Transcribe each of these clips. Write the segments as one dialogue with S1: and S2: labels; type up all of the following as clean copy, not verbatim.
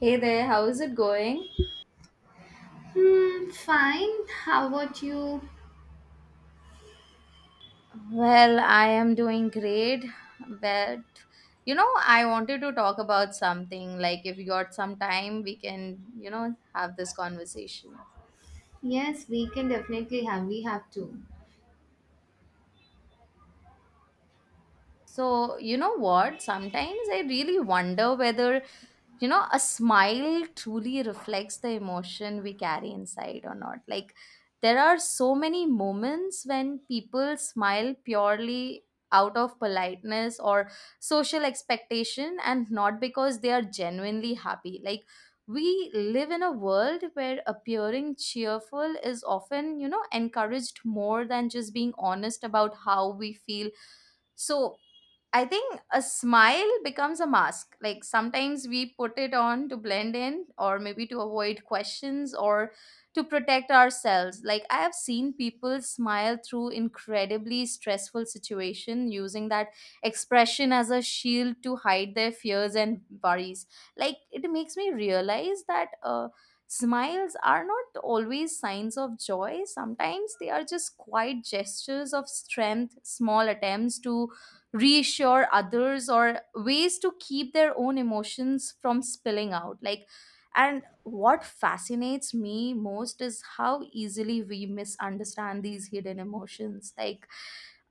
S1: Hey there, how is it going?
S2: Hmm, fine. How about you?
S1: Well, I am doing great, but I wanted to talk about something. Like, if you got some time, we can, have this conversation.
S2: Yes, we can definitely have. We have to.
S1: So, you know what? Sometimes I really wonder whether a smile truly reflects the emotion we carry inside or not. Like, there are so many moments when people smile purely out of politeness or social expectation, and not because they are genuinely happy. Like, we live in a world where appearing cheerful is often, encouraged more than just being honest about how we feel. So I think a smile becomes a mask. Like sometimes we put it on to blend in, or maybe to avoid questions, or to protect ourselves. Like I have seen people smile through incredibly stressful situation using that expression as a shield to hide their fears and worries. Like it makes me realize that smiles are not always signs of joy. Sometimes they are just quiet gestures of strength, small attempts to reassure others, or ways to keep their own emotions from spilling out. Like, and what fascinates me most is how easily we misunderstand these hidden emotions. Like,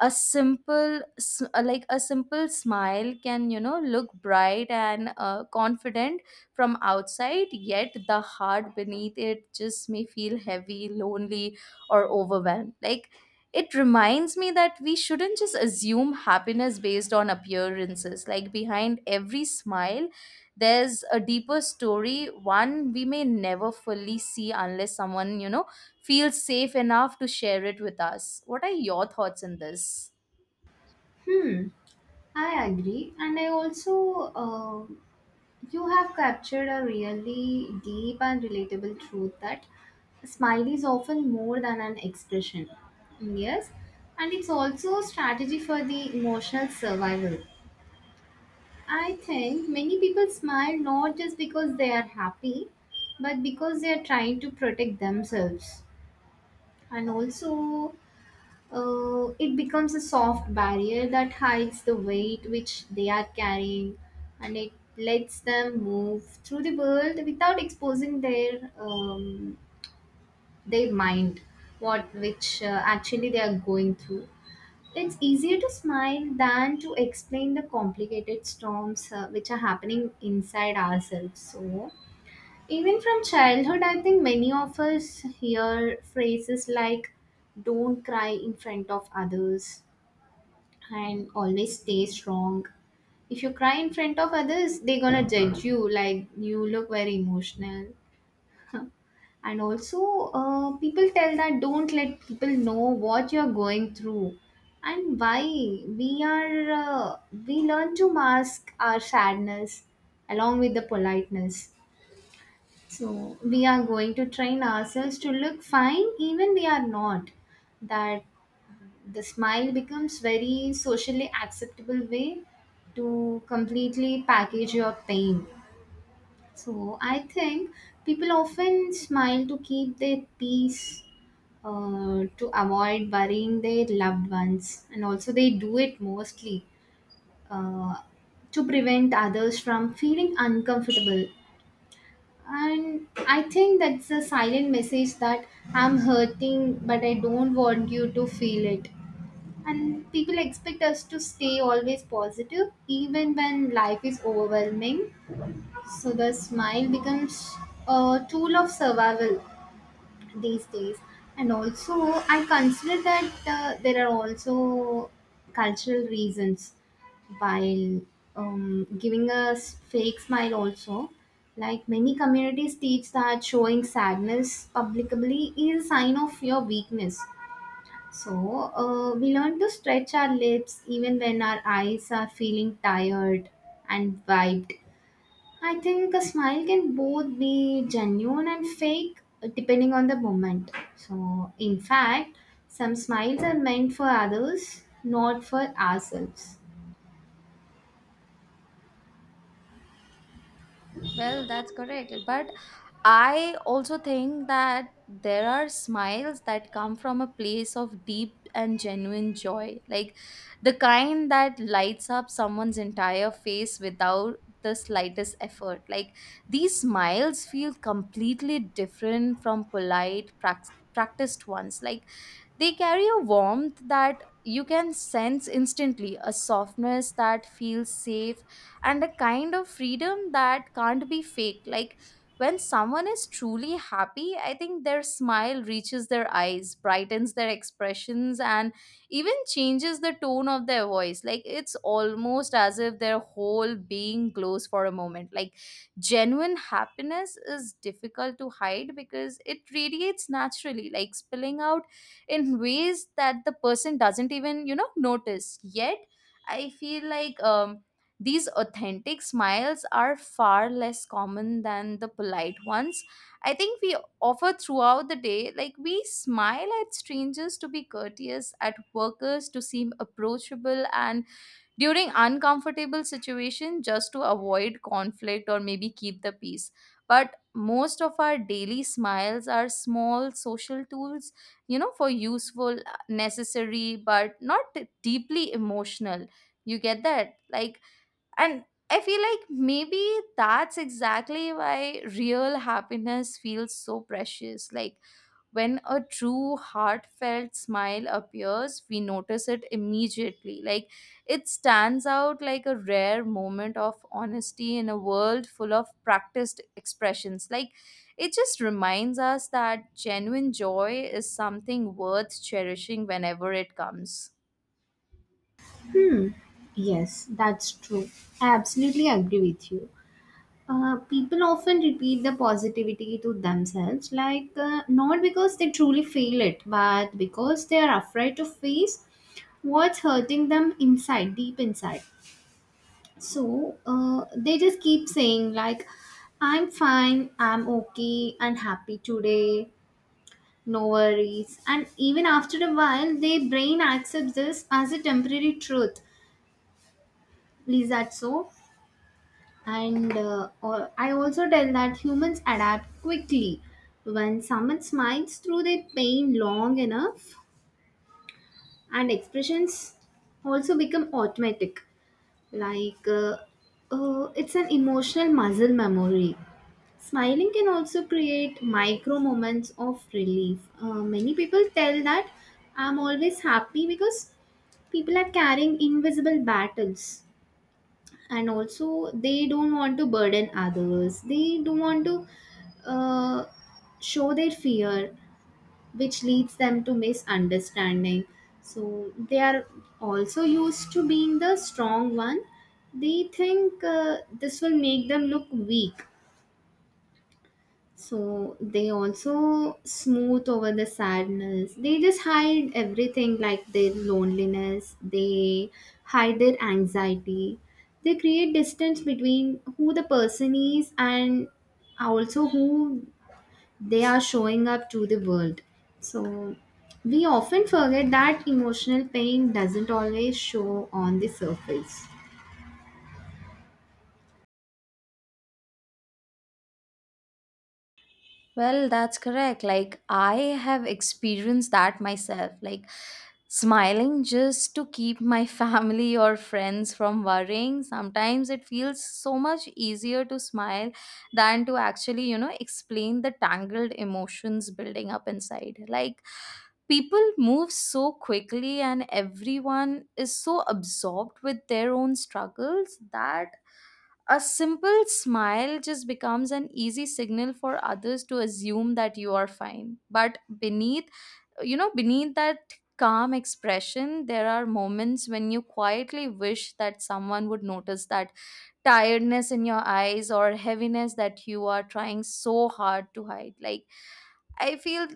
S1: like a simple smile can, look bright and confident from outside, yet the heart beneath it just may feel heavy, lonely, or overwhelmed. Like, it reminds me that we shouldn't just assume happiness based on appearances. Like, behind every smile there's a deeper story, one we may never fully see unless someone, feel safe enough to share it with us. What are your thoughts on this?
S2: Hmm, I agree. And I also, you have captured a really deep and relatable truth that a smile is often more than an expression. Mm, yes, and it's also a strategy for the emotional survival. I think many people smile not just because they are happy, but because they are trying to protect themselves. And also, it becomes a soft barrier that hides the weight which they are carrying, and it lets them move through the world without exposing their mind, what which actually they are going through. It's easier to smile than to explain the complicated storms which are happening inside ourselves. So even from childhood, I think many of us hear phrases like, don't cry in front of others, and always stay strong. If you cry in front of others, they're gonna judge you, like you look very emotional. And also, people tell that, don't let people know what you're going through, and why we are we learn to mask our sadness along with the politeness. So we are going to train ourselves to look fine even we are not. That the smile becomes very socially acceptable way to completely package your pain. So I think people often smile to keep their peace, to avoid worrying their loved ones, and also they do it mostly uh, to prevent others from feeling uncomfortable. And I think that's a silent message that, I'm hurting, but I don't want you to feel it. And people expect us to stay always positive, even when life is overwhelming. So the smile becomes a tool of survival these days. And also, I consider that there are also cultural reasons while giving a fake smile also. Like many communities teach that showing sadness publicly is a sign of your weakness. So we learn to stretch our lips even when our eyes are feeling tired and wiped. I think a smile can both be genuine and fake, depending on the moment. So, in fact, some smiles are meant for others, not for ourselves.
S1: Well, that's correct. But I also think that there are smiles that come from a place of deep and genuine joy, like the kind that lights up someone's entire face without the slightest effort. Like these smiles feel completely different from polite, practiced ones. Like they carry a warmth that you can sense instantly, a softness that feels safe, and a kind of freedom that can't be faked. Like when someone is truly happy, I think their smile reaches their eyes, brightens their expressions, and even changes the tone of their voice. Like it's almost as if their whole being glows for a moment. Like genuine happiness is difficult to hide because it radiates naturally, like spilling out in ways that the person doesn't even, notice. Yet I feel like, these authentic smiles are far less common than the polite ones I think we offer throughout the day. Like we smile at strangers to be courteous, at workers to seem approachable, and during uncomfortable situation just to avoid conflict or maybe keep the peace. But most of our daily smiles are small social tools, for useful, necessary, but not deeply emotional. You get that? Like, and I feel like maybe that's exactly why real happiness feels so precious. Like when a true heartfelt smile appears, we notice it immediately. Like it stands out like a rare moment of honesty in a world full of practiced expressions. Like it just reminds us that genuine joy is something worth cherishing whenever it comes.
S2: Hmm, yes, that's true. I absolutely agree with you. People often repeat the positivity to themselves, like, not because they truly feel it, but because they are afraid to face what's hurting them inside, deep inside. So they just keep saying, like, I'm fine, I'm okay, and happy today, no worries. And even after a while, their brain accepts this as a temporary truth. Is that so? And I also tell that humans adapt quickly. When someone smiles through their pain long enough, and expressions also become automatic. Like, it's an emotional muscle memory. Smiling can also create micro moments of relief. Many people tell that, I'm always happy, because people are carrying invisible battles, and also they don't want to burden others. They don't want to, uh, show their fear, which leads them to misunderstanding. So they are also used to being the strong one. They think this will make them look weak. So they also smooth over the sadness. They just hide everything, like their loneliness, they hide their anxiety. They create distance between who the person is and also who they are showing up to the world. So we often forget that emotional pain doesn't always show on the surface.
S1: Well, that's correct. Like, I have experienced that myself. Like, smiling just to keep my family or friends from worrying. Sometimes it feels so much easier to smile than to actually, you know, explain the tangled emotions building up inside. Like, people move so quickly, and everyone is so absorbed with their own struggles that a simple smile just becomes an easy signal for others to assume that you are fine. But beneath, you know, beneath that calm expression, there are moments when you quietly wish that someone would notice that tiredness in your eyes or heaviness that you are trying so hard to hide. Like, I feel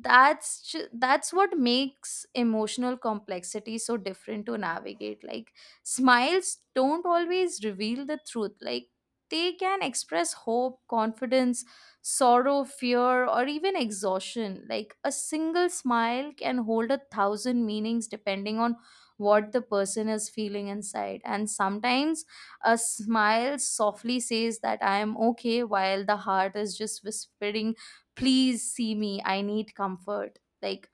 S1: that's what makes emotional complexity so different to navigate. Like smiles don't always reveal the truth. Like they can express hope, confidence, sorrow, fear, or even exhaustion. Like a single smile can hold a thousand meanings depending on what the person is feeling inside. And sometimes a smile softly says that I am okay, while the heart is just whispering, please see me, I need comfort. Like,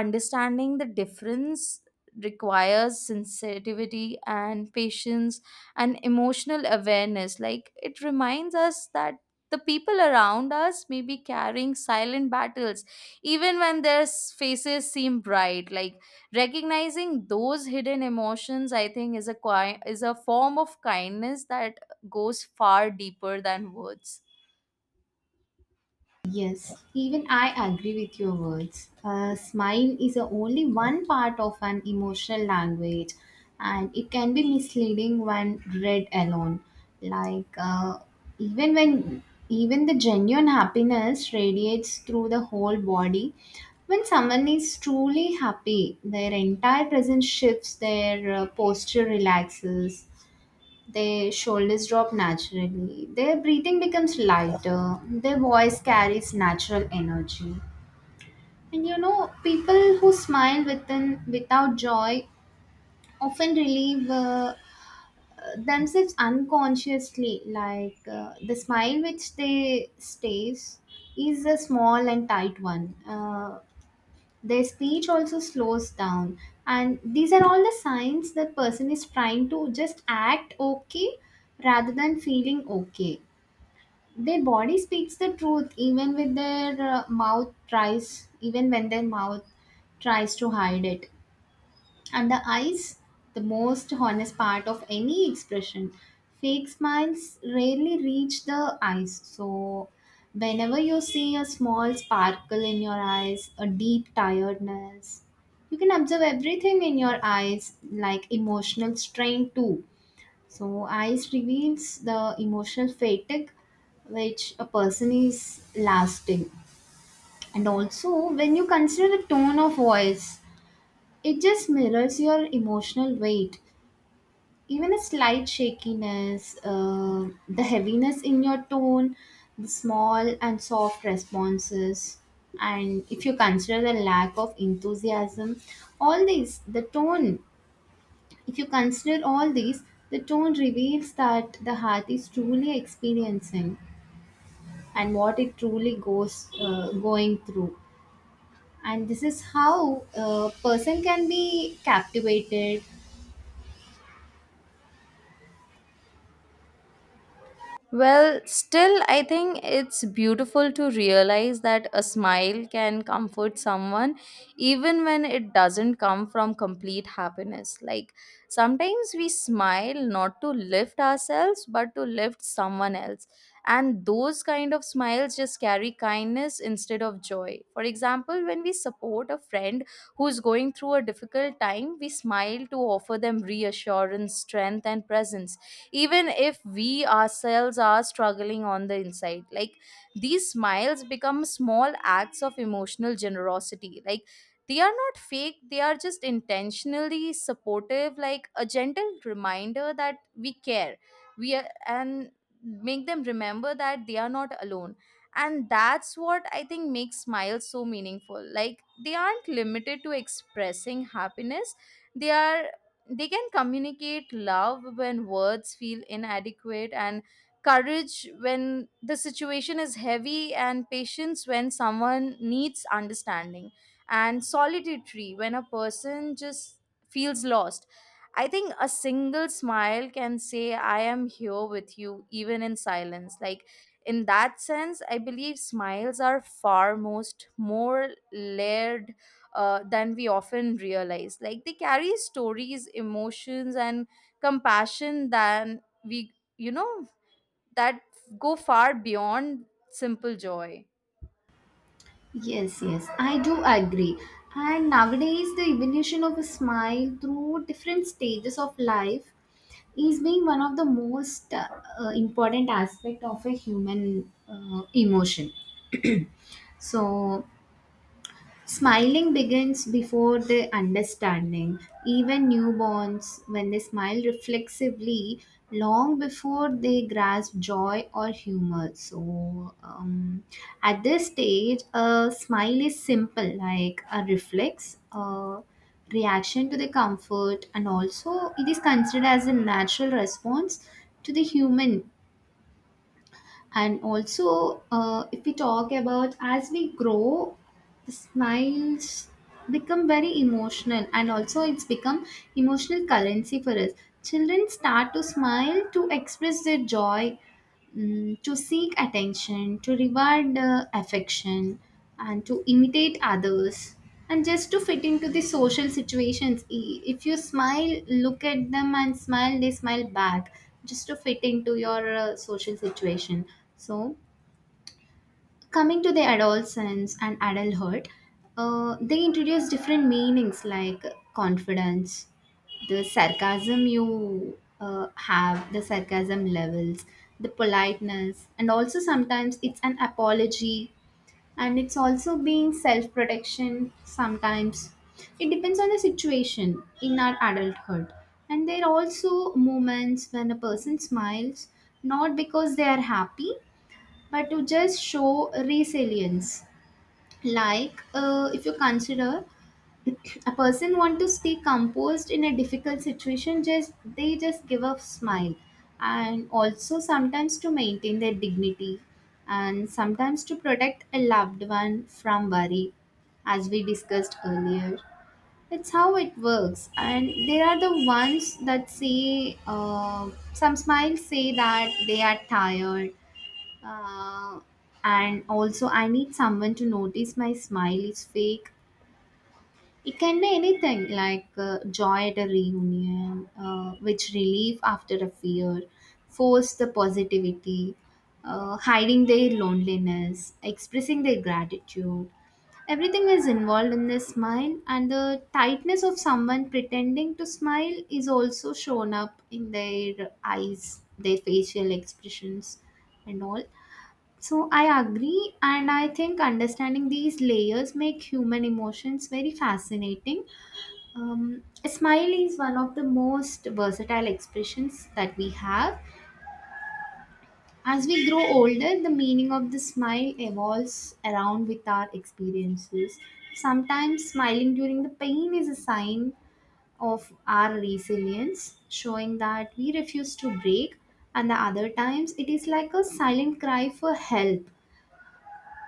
S1: understanding the difference requires sensitivity and patience and emotional awareness. Like it reminds us that the people around us may be carrying silent battles even when their faces seem bright. Like recognizing those hidden emotions, I think, is is a form of kindness that goes far deeper than words.
S2: Yes, even I agree with your words. A smile is a only one part of an emotional language, and it can be misleading when read alone. Like, even when even the genuine happiness radiates through the whole body. When someone is truly happy, their entire presence shifts, their posture relaxes, their shoulders drop naturally. Their breathing becomes lighter. Their voice carries natural energy. And you know, people who smile within without joy often relieve themselves unconsciously. Like, the smile which they stays is a small and tight one. Their speech also slows down, and these are all the signs that person is trying to just act okay rather than feeling okay. Their body speaks the truth, even when their mouth tries to hide it. And the eyes, the most honest part of any expression. Fake smiles rarely reach the eyes. So whenever you see a small sparkle in your eyes, a deep tiredness, you can observe everything in your eyes, like emotional strain too. So, ice reveals the emotional fatigue which a person is lasting. And also, when you consider the tone of voice, it just mirrors your emotional weight. Even a slight shakiness, the heaviness in your tone, the small and soft responses, and if you consider the lack of enthusiasm, all these, the tone if you consider all these, the tone reveals that the heart is truly experiencing and what it truly goes going through. And this is how a person can be captivated.
S1: Well, still, I think it's beautiful to realize that a smile can comfort someone even when it doesn't come from complete happiness. Like, sometimes we smile not to lift ourselves but to lift someone else. And those kind of smiles just carry kindness instead of joy. For example, when we support a friend who's going through a difficult time, we smile to offer them reassurance, strength, and presence even if we ourselves are struggling on the inside. Like these smiles become small acts of emotional generosity. Like they are not fake, they are just intentionally supportive, like a gentle reminder that we care, we are, and make them remember that they are not alone. And that's what I think makes smiles so meaningful. Like they aren't limited to expressing happiness. They are, they can communicate love when words feel inadequate, and courage when the situation is heavy, and patience when someone needs understanding, and solitary when a person just feels lost. I think a single smile can say I am here with you even in silence. Like in that sense, I believe smiles are far most more layered than we often realize. Like they carry stories, emotions, and compassion than we, you know, that go far beyond simple joy.
S2: Yes, yes, I do agree. And nowadays, the evolution of a smile through different stages of life is being one of the most important aspect of a human emotion. So smiling begins before the understanding. Even newborns, when they smile reflexively, long before they grasp joy or humor. So, at this stage, a smile is simple, like a reflex, a reaction to the comfort, and also it is considered as a natural response to the human. And also, if we talk about as we grow, the smiles become very emotional, and also it's become emotional currency for us. Children start to smile to express their joy, to seek attention, to reward affection, and to imitate others, and just to fit into the social situations. If you smile, look at them and smile, they smile back, just to fit into your social situation. So, coming to the adolescence and adulthood, they introduce different meanings like confidence, the sarcasm levels, the politeness, and also sometimes it's an apology, and it's also being self protection sometimes. It depends on the situation in our adulthood. And there are also moments when a person smiles not because they are happy but to just show resilience. Like, if you consider, a person want to stay composed in a difficult situation, just they just give a smile, and also sometimes to maintain their dignity, and sometimes to protect a loved one from worry, as we discussed earlier. It's how it works. And there are the ones that say, some smiles say that they are tired, uh, and also, I need someone to notice my smile is fake. It can be anything like, joy at a reunion, which relief after a fear, force the positivity, hiding their loneliness, expressing their gratitude. Everything is involved in the smile, and the tightness of someone pretending to smile is also shown up in their eyes, their facial expressions, and all. So I agree, and I think understanding these layers make human emotions very fascinating. A smile is one of the most versatile expressions that we have. As we grow older, the meaning of the smile evolves around with our experiences. Sometimes smiling during the pain is a sign of our resilience, showing that we refuse to break, and the other times it is like a silent cry for help.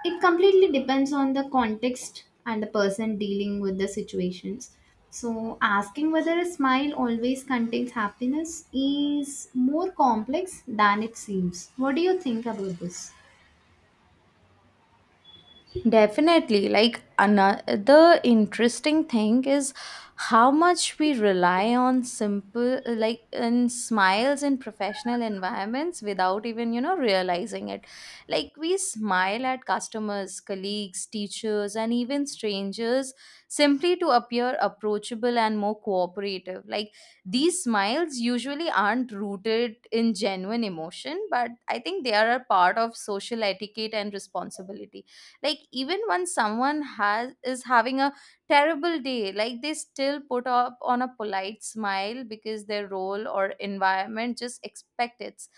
S2: It completely depends on the context and the person dealing with the situations. So asking whether a smile always contains happiness is more complex than it seems. What do you think about this?
S1: Definitely. Like another interesting thing is how much we rely on simple like and smiles in professional environments without even, realizing it. Like we smile at customers, colleagues, teachers, and even strangers simply to appear approachable and more cooperative. Like these smiles usually aren't rooted in genuine emotion, but I think they are a part of social etiquette and responsibility. Like even when someone has is having a terrible day, like they still put up on a polite smile because their role or environment just expect it.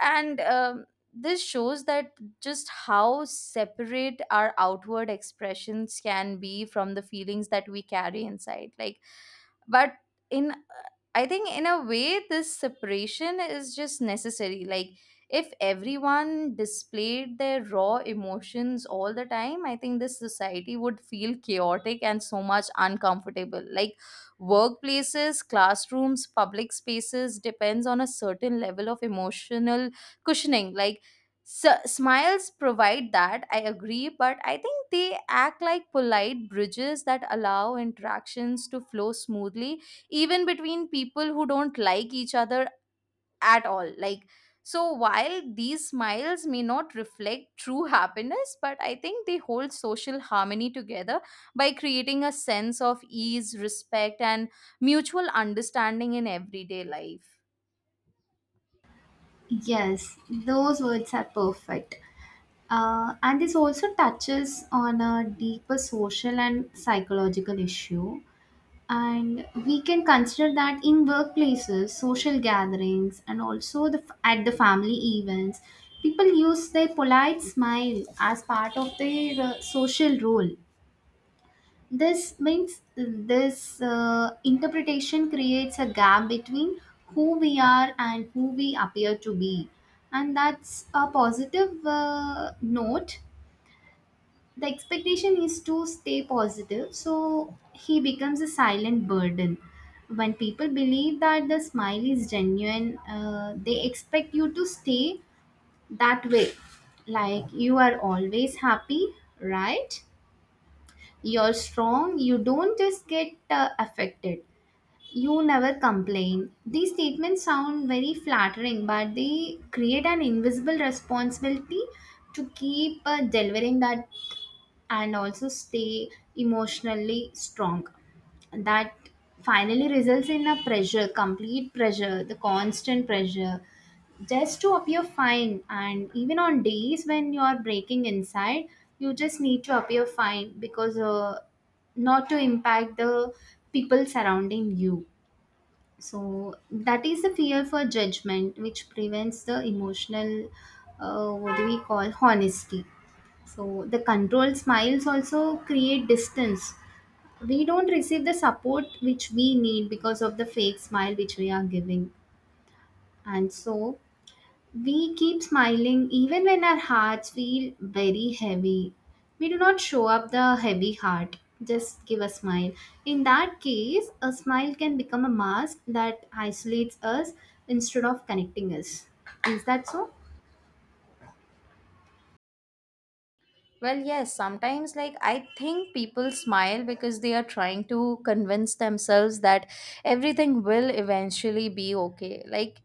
S1: And this shows that just how separate our outward expressions can be from the feelings that we carry inside. Like, but in I think in a way this separation is just necessary. Like if everyone displayed their raw emotions all the time, I think this society would feel chaotic and so much uncomfortable. Like workplaces, classrooms, public spaces depends on a certain level of emotional cushioning. Like smiles provide that, I agree, but I think they act like polite bridges that allow interactions to flow smoothly even between people who don't like each other at all. Like, so while these smiles may not reflect true happiness, but I think they hold social harmony together by creating a sense of ease, respect, and mutual understanding in everyday life.
S2: Yes, those words are perfect. And this also touches on a deeper social and psychological issue. And we can consider that in workplaces, social gatherings, and also the at the family events, people use their polite smile as part of their social role. This means this interpretation creates a gap between who we are and who we appear to be. And that's a positive note. The expectation is to stay positive, so he becomes a silent burden. When people believe that the smile is genuine, they expect you to stay that way, like, you are always happy, right, you're strong, you don't just get affected, you never complain. These statements sound very flattering, but they create an invisible responsibility to keep delivering that, and also stay emotionally strong. That finally results in a pressure, complete pressure, the constant pressure, just to appear fine. And even on days when you are breaking inside, you just need to appear fine because, not to impact the people surrounding you. So that is the fear for judgment, which prevents the emotional, what do we call, honesty. So the controlled smiles also create distance. We don't receive the support which we need because of the fake smile which we are giving. And so we keep smiling even when our hearts feel very heavy. We do not show up the heavy heart. Just give a smile. In that case, a smile can become a mask that isolates us instead of connecting us. Is that so?
S1: Well, yes, sometimes like I think people smile because they are trying to convince themselves that everything will eventually be okay. Like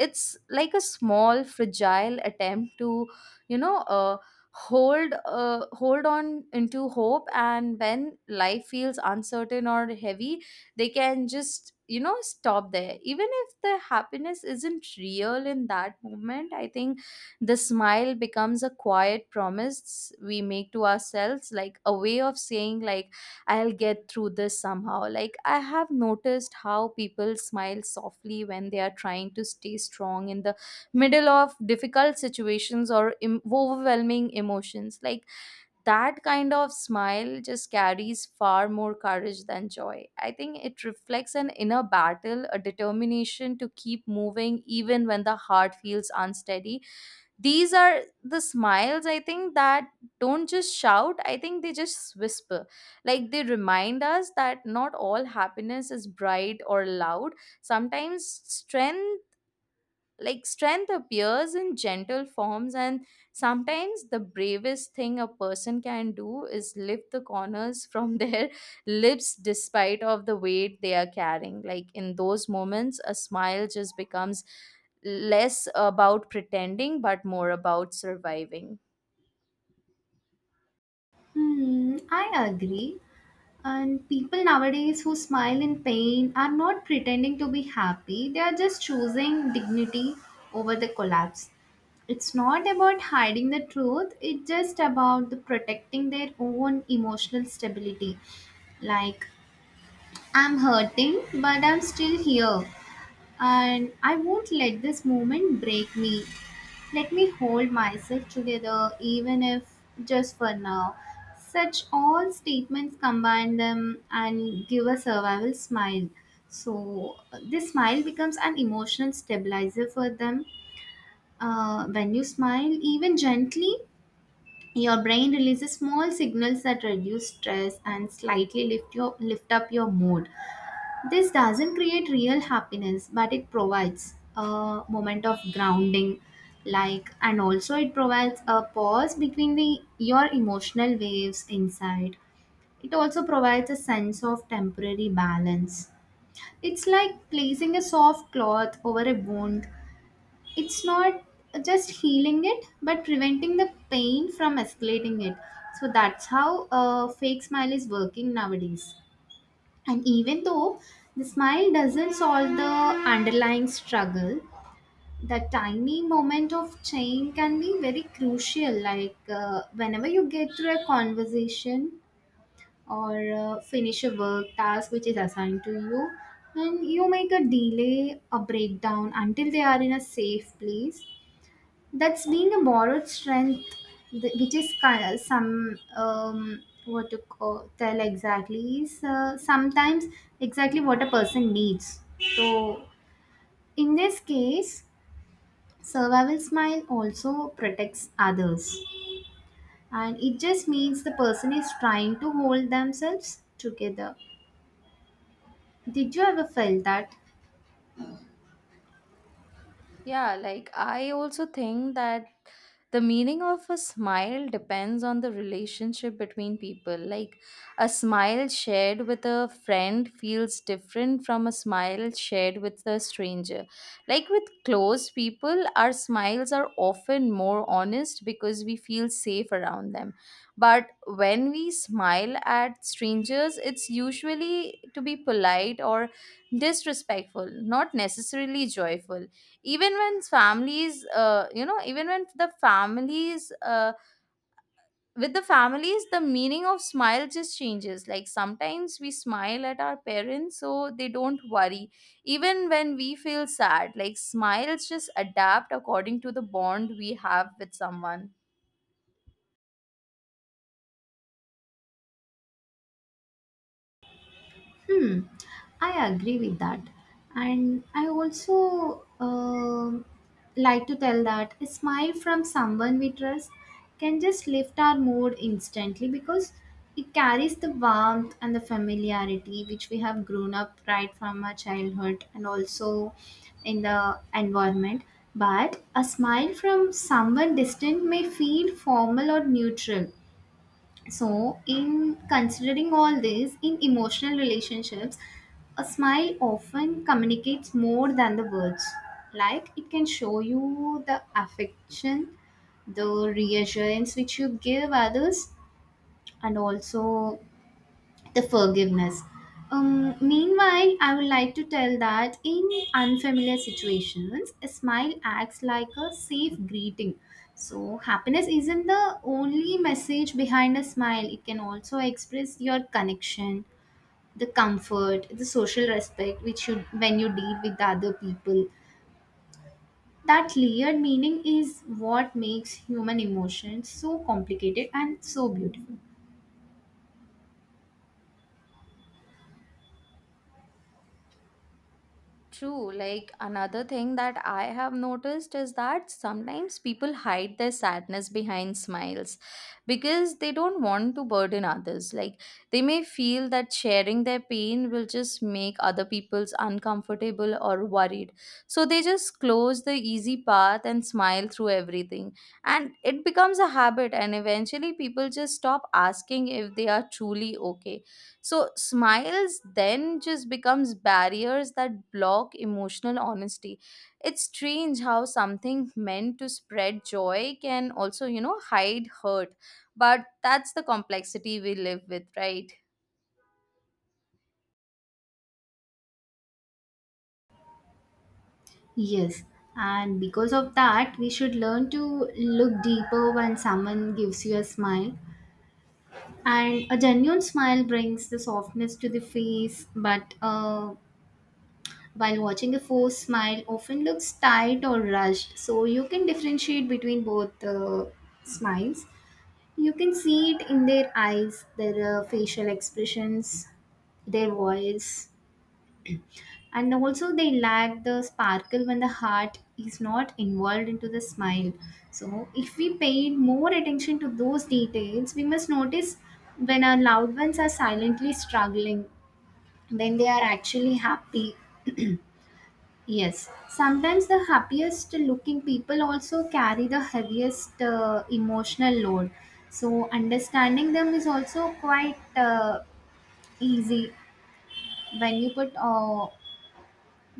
S1: it's like a small fragile attempt to, you know, hold on into hope. And when life feels uncertain or heavy, they can just, stop there even if the happiness isn't real in that moment. I think the smile becomes a quiet promise we make to ourselves, like a way of saying, like, I'll get through this somehow. Like, I have noticed how people smile softly when they are trying to stay strong in the middle of difficult situations or overwhelming emotions. Like, that kind of smile just carries far more courage than joy. I think it reflects an inner battle, a determination to keep moving even when the heart feels unsteady. These are the smiles I think that don't just shout, I think they just whisper. Like they remind us that not all happiness is bright or loud. Sometimes strength appears in gentle forms, and sometimes the bravest thing a person can do is lift the corners from their lips despite of the weight they are carrying. Like in those moments, a smile just becomes less about pretending but more about surviving.
S2: Hmm, I agree. And people nowadays who smile in pain are not pretending to be happy, they are just choosing dignity over the collapse. It's not about hiding the truth, it's just about the protecting their own emotional stability. Like, I'm hurting, but I'm still here, and I won't let this moment break me. Let me hold myself together, even if just for now. Such all statements combine them and give a survival smile. So, this smile becomes an emotional stabilizer for them. When you smile, even gently, your brain releases small signals that reduce stress and slightly lift, your, lift up your mood. This doesn't create real happiness, but it provides a moment of grounding, like, and also it provides a pause between the your emotional waves inside. It also provides a sense of temporary balance. It's like placing a soft cloth over a wound. It's not just healing it, but preventing the pain from escalating it. So that's how fake smile is working nowadays. And even though the smile doesn't solve the underlying struggle, the tiny moment of change can be very crucial. Like whenever you get through a conversation or finish a work task which is assigned to you, and you make a delay, a breakdown until they are in a safe place, that's being a borrowed strength which is kind of some what to call, tell exactly is sometimes exactly what a person needs, so in this case survival smile also protects others, and it just means the person is trying to hold themselves together. Did you ever felt that?
S1: Yeah, like I also think that the meaning of a smile depends on the relationship between people. Like a smile shared with a friend feels different from a smile shared with a stranger. Like with close people our smiles are often more honest because we feel safe around them. But when we smile at strangers it's usually to be polite or disrespectful, not necessarily joyful. Even when families you know, even when the families with the families the meaning of smile just changes. Like sometimes we smile at our parents so they don't worry even when we feel sad. Like smiles just adapt according to the bond we have with someone.
S2: Hmm, I agree with that. And I also like to tell that a smile from someone we trust can just lift our mood instantly because it carries the warmth and the familiarity which we have grown up right from our childhood, and also in the environment. But a smile from someone distant may feel formal or neutral, so, in considering all this, in emotional relationships, a smile often communicates more than the words. Like it can show you the affection, the reassurance which you give others, and also the forgiveness. Meanwhile, I would like to tell that in unfamiliar situations, a smile acts like a safe greeting. So, happiness isn't the only message behind a smile, it can also express your connection, the comfort, the social respect which you when you deal with the other people. That layered meaning is what makes human emotions so complicated and so beautiful.
S1: True. Like another thing that I have noticed is that sometimes people hide their sadness behind smiles because they don't want to burden others. Like they may feel that sharing their pain will just make other people's uncomfortable or worried. So they just close the easy path and smile through everything. And it becomes a habit and eventually people just stop asking if they are truly okay. So smiles then just becomes barriers that block emotional honesty. It's strange how something meant to spread joy can also, you know, hide hurt. But that's the complexity we live with, right?
S2: Yes, and because of that, we should learn to look deeper when someone gives you a smile. And a genuine smile brings the softness to the face, but while watching a forced smile, often looks tight or rushed. So you can differentiate between both smiles. You can see it in their eyes, their facial expressions, their voice, and also they lack the sparkle when the heart is not involved into the smile. So if we paid more attention to those details, we must notice when our loved ones are silently struggling, when they are actually happy. Yes, sometimes the happiest looking people also carry the heaviest emotional load, so understanding them is also quite easy when you put uh,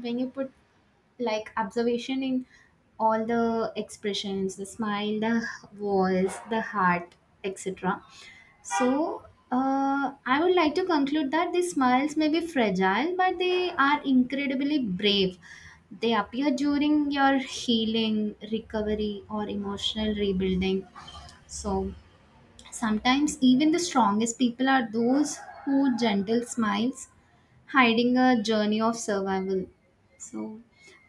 S2: when you put like observation in all the expressions, the smile, the voice, the heart, etc. So I would like to conclude that the smiles may be fragile, but they are incredibly brave. They appear during your healing recovery or emotional rebuilding. So sometimes even the strongest people are those who gentle smiles hiding a journey of survival. So,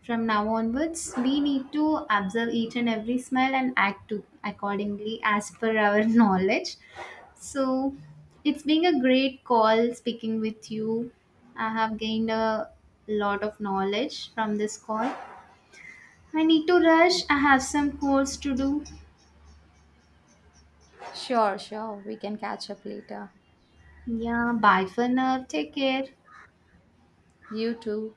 S2: from now onwards, we need to observe each and every smell and act to accordingly as per our knowledge. So, it's been a great call speaking with you. I have gained a lot of knowledge from this call. I need to rush. I have some calls to do.
S1: Sure, sure. We can catch up later.
S2: Yeah, bye for now. Take care.
S1: You too.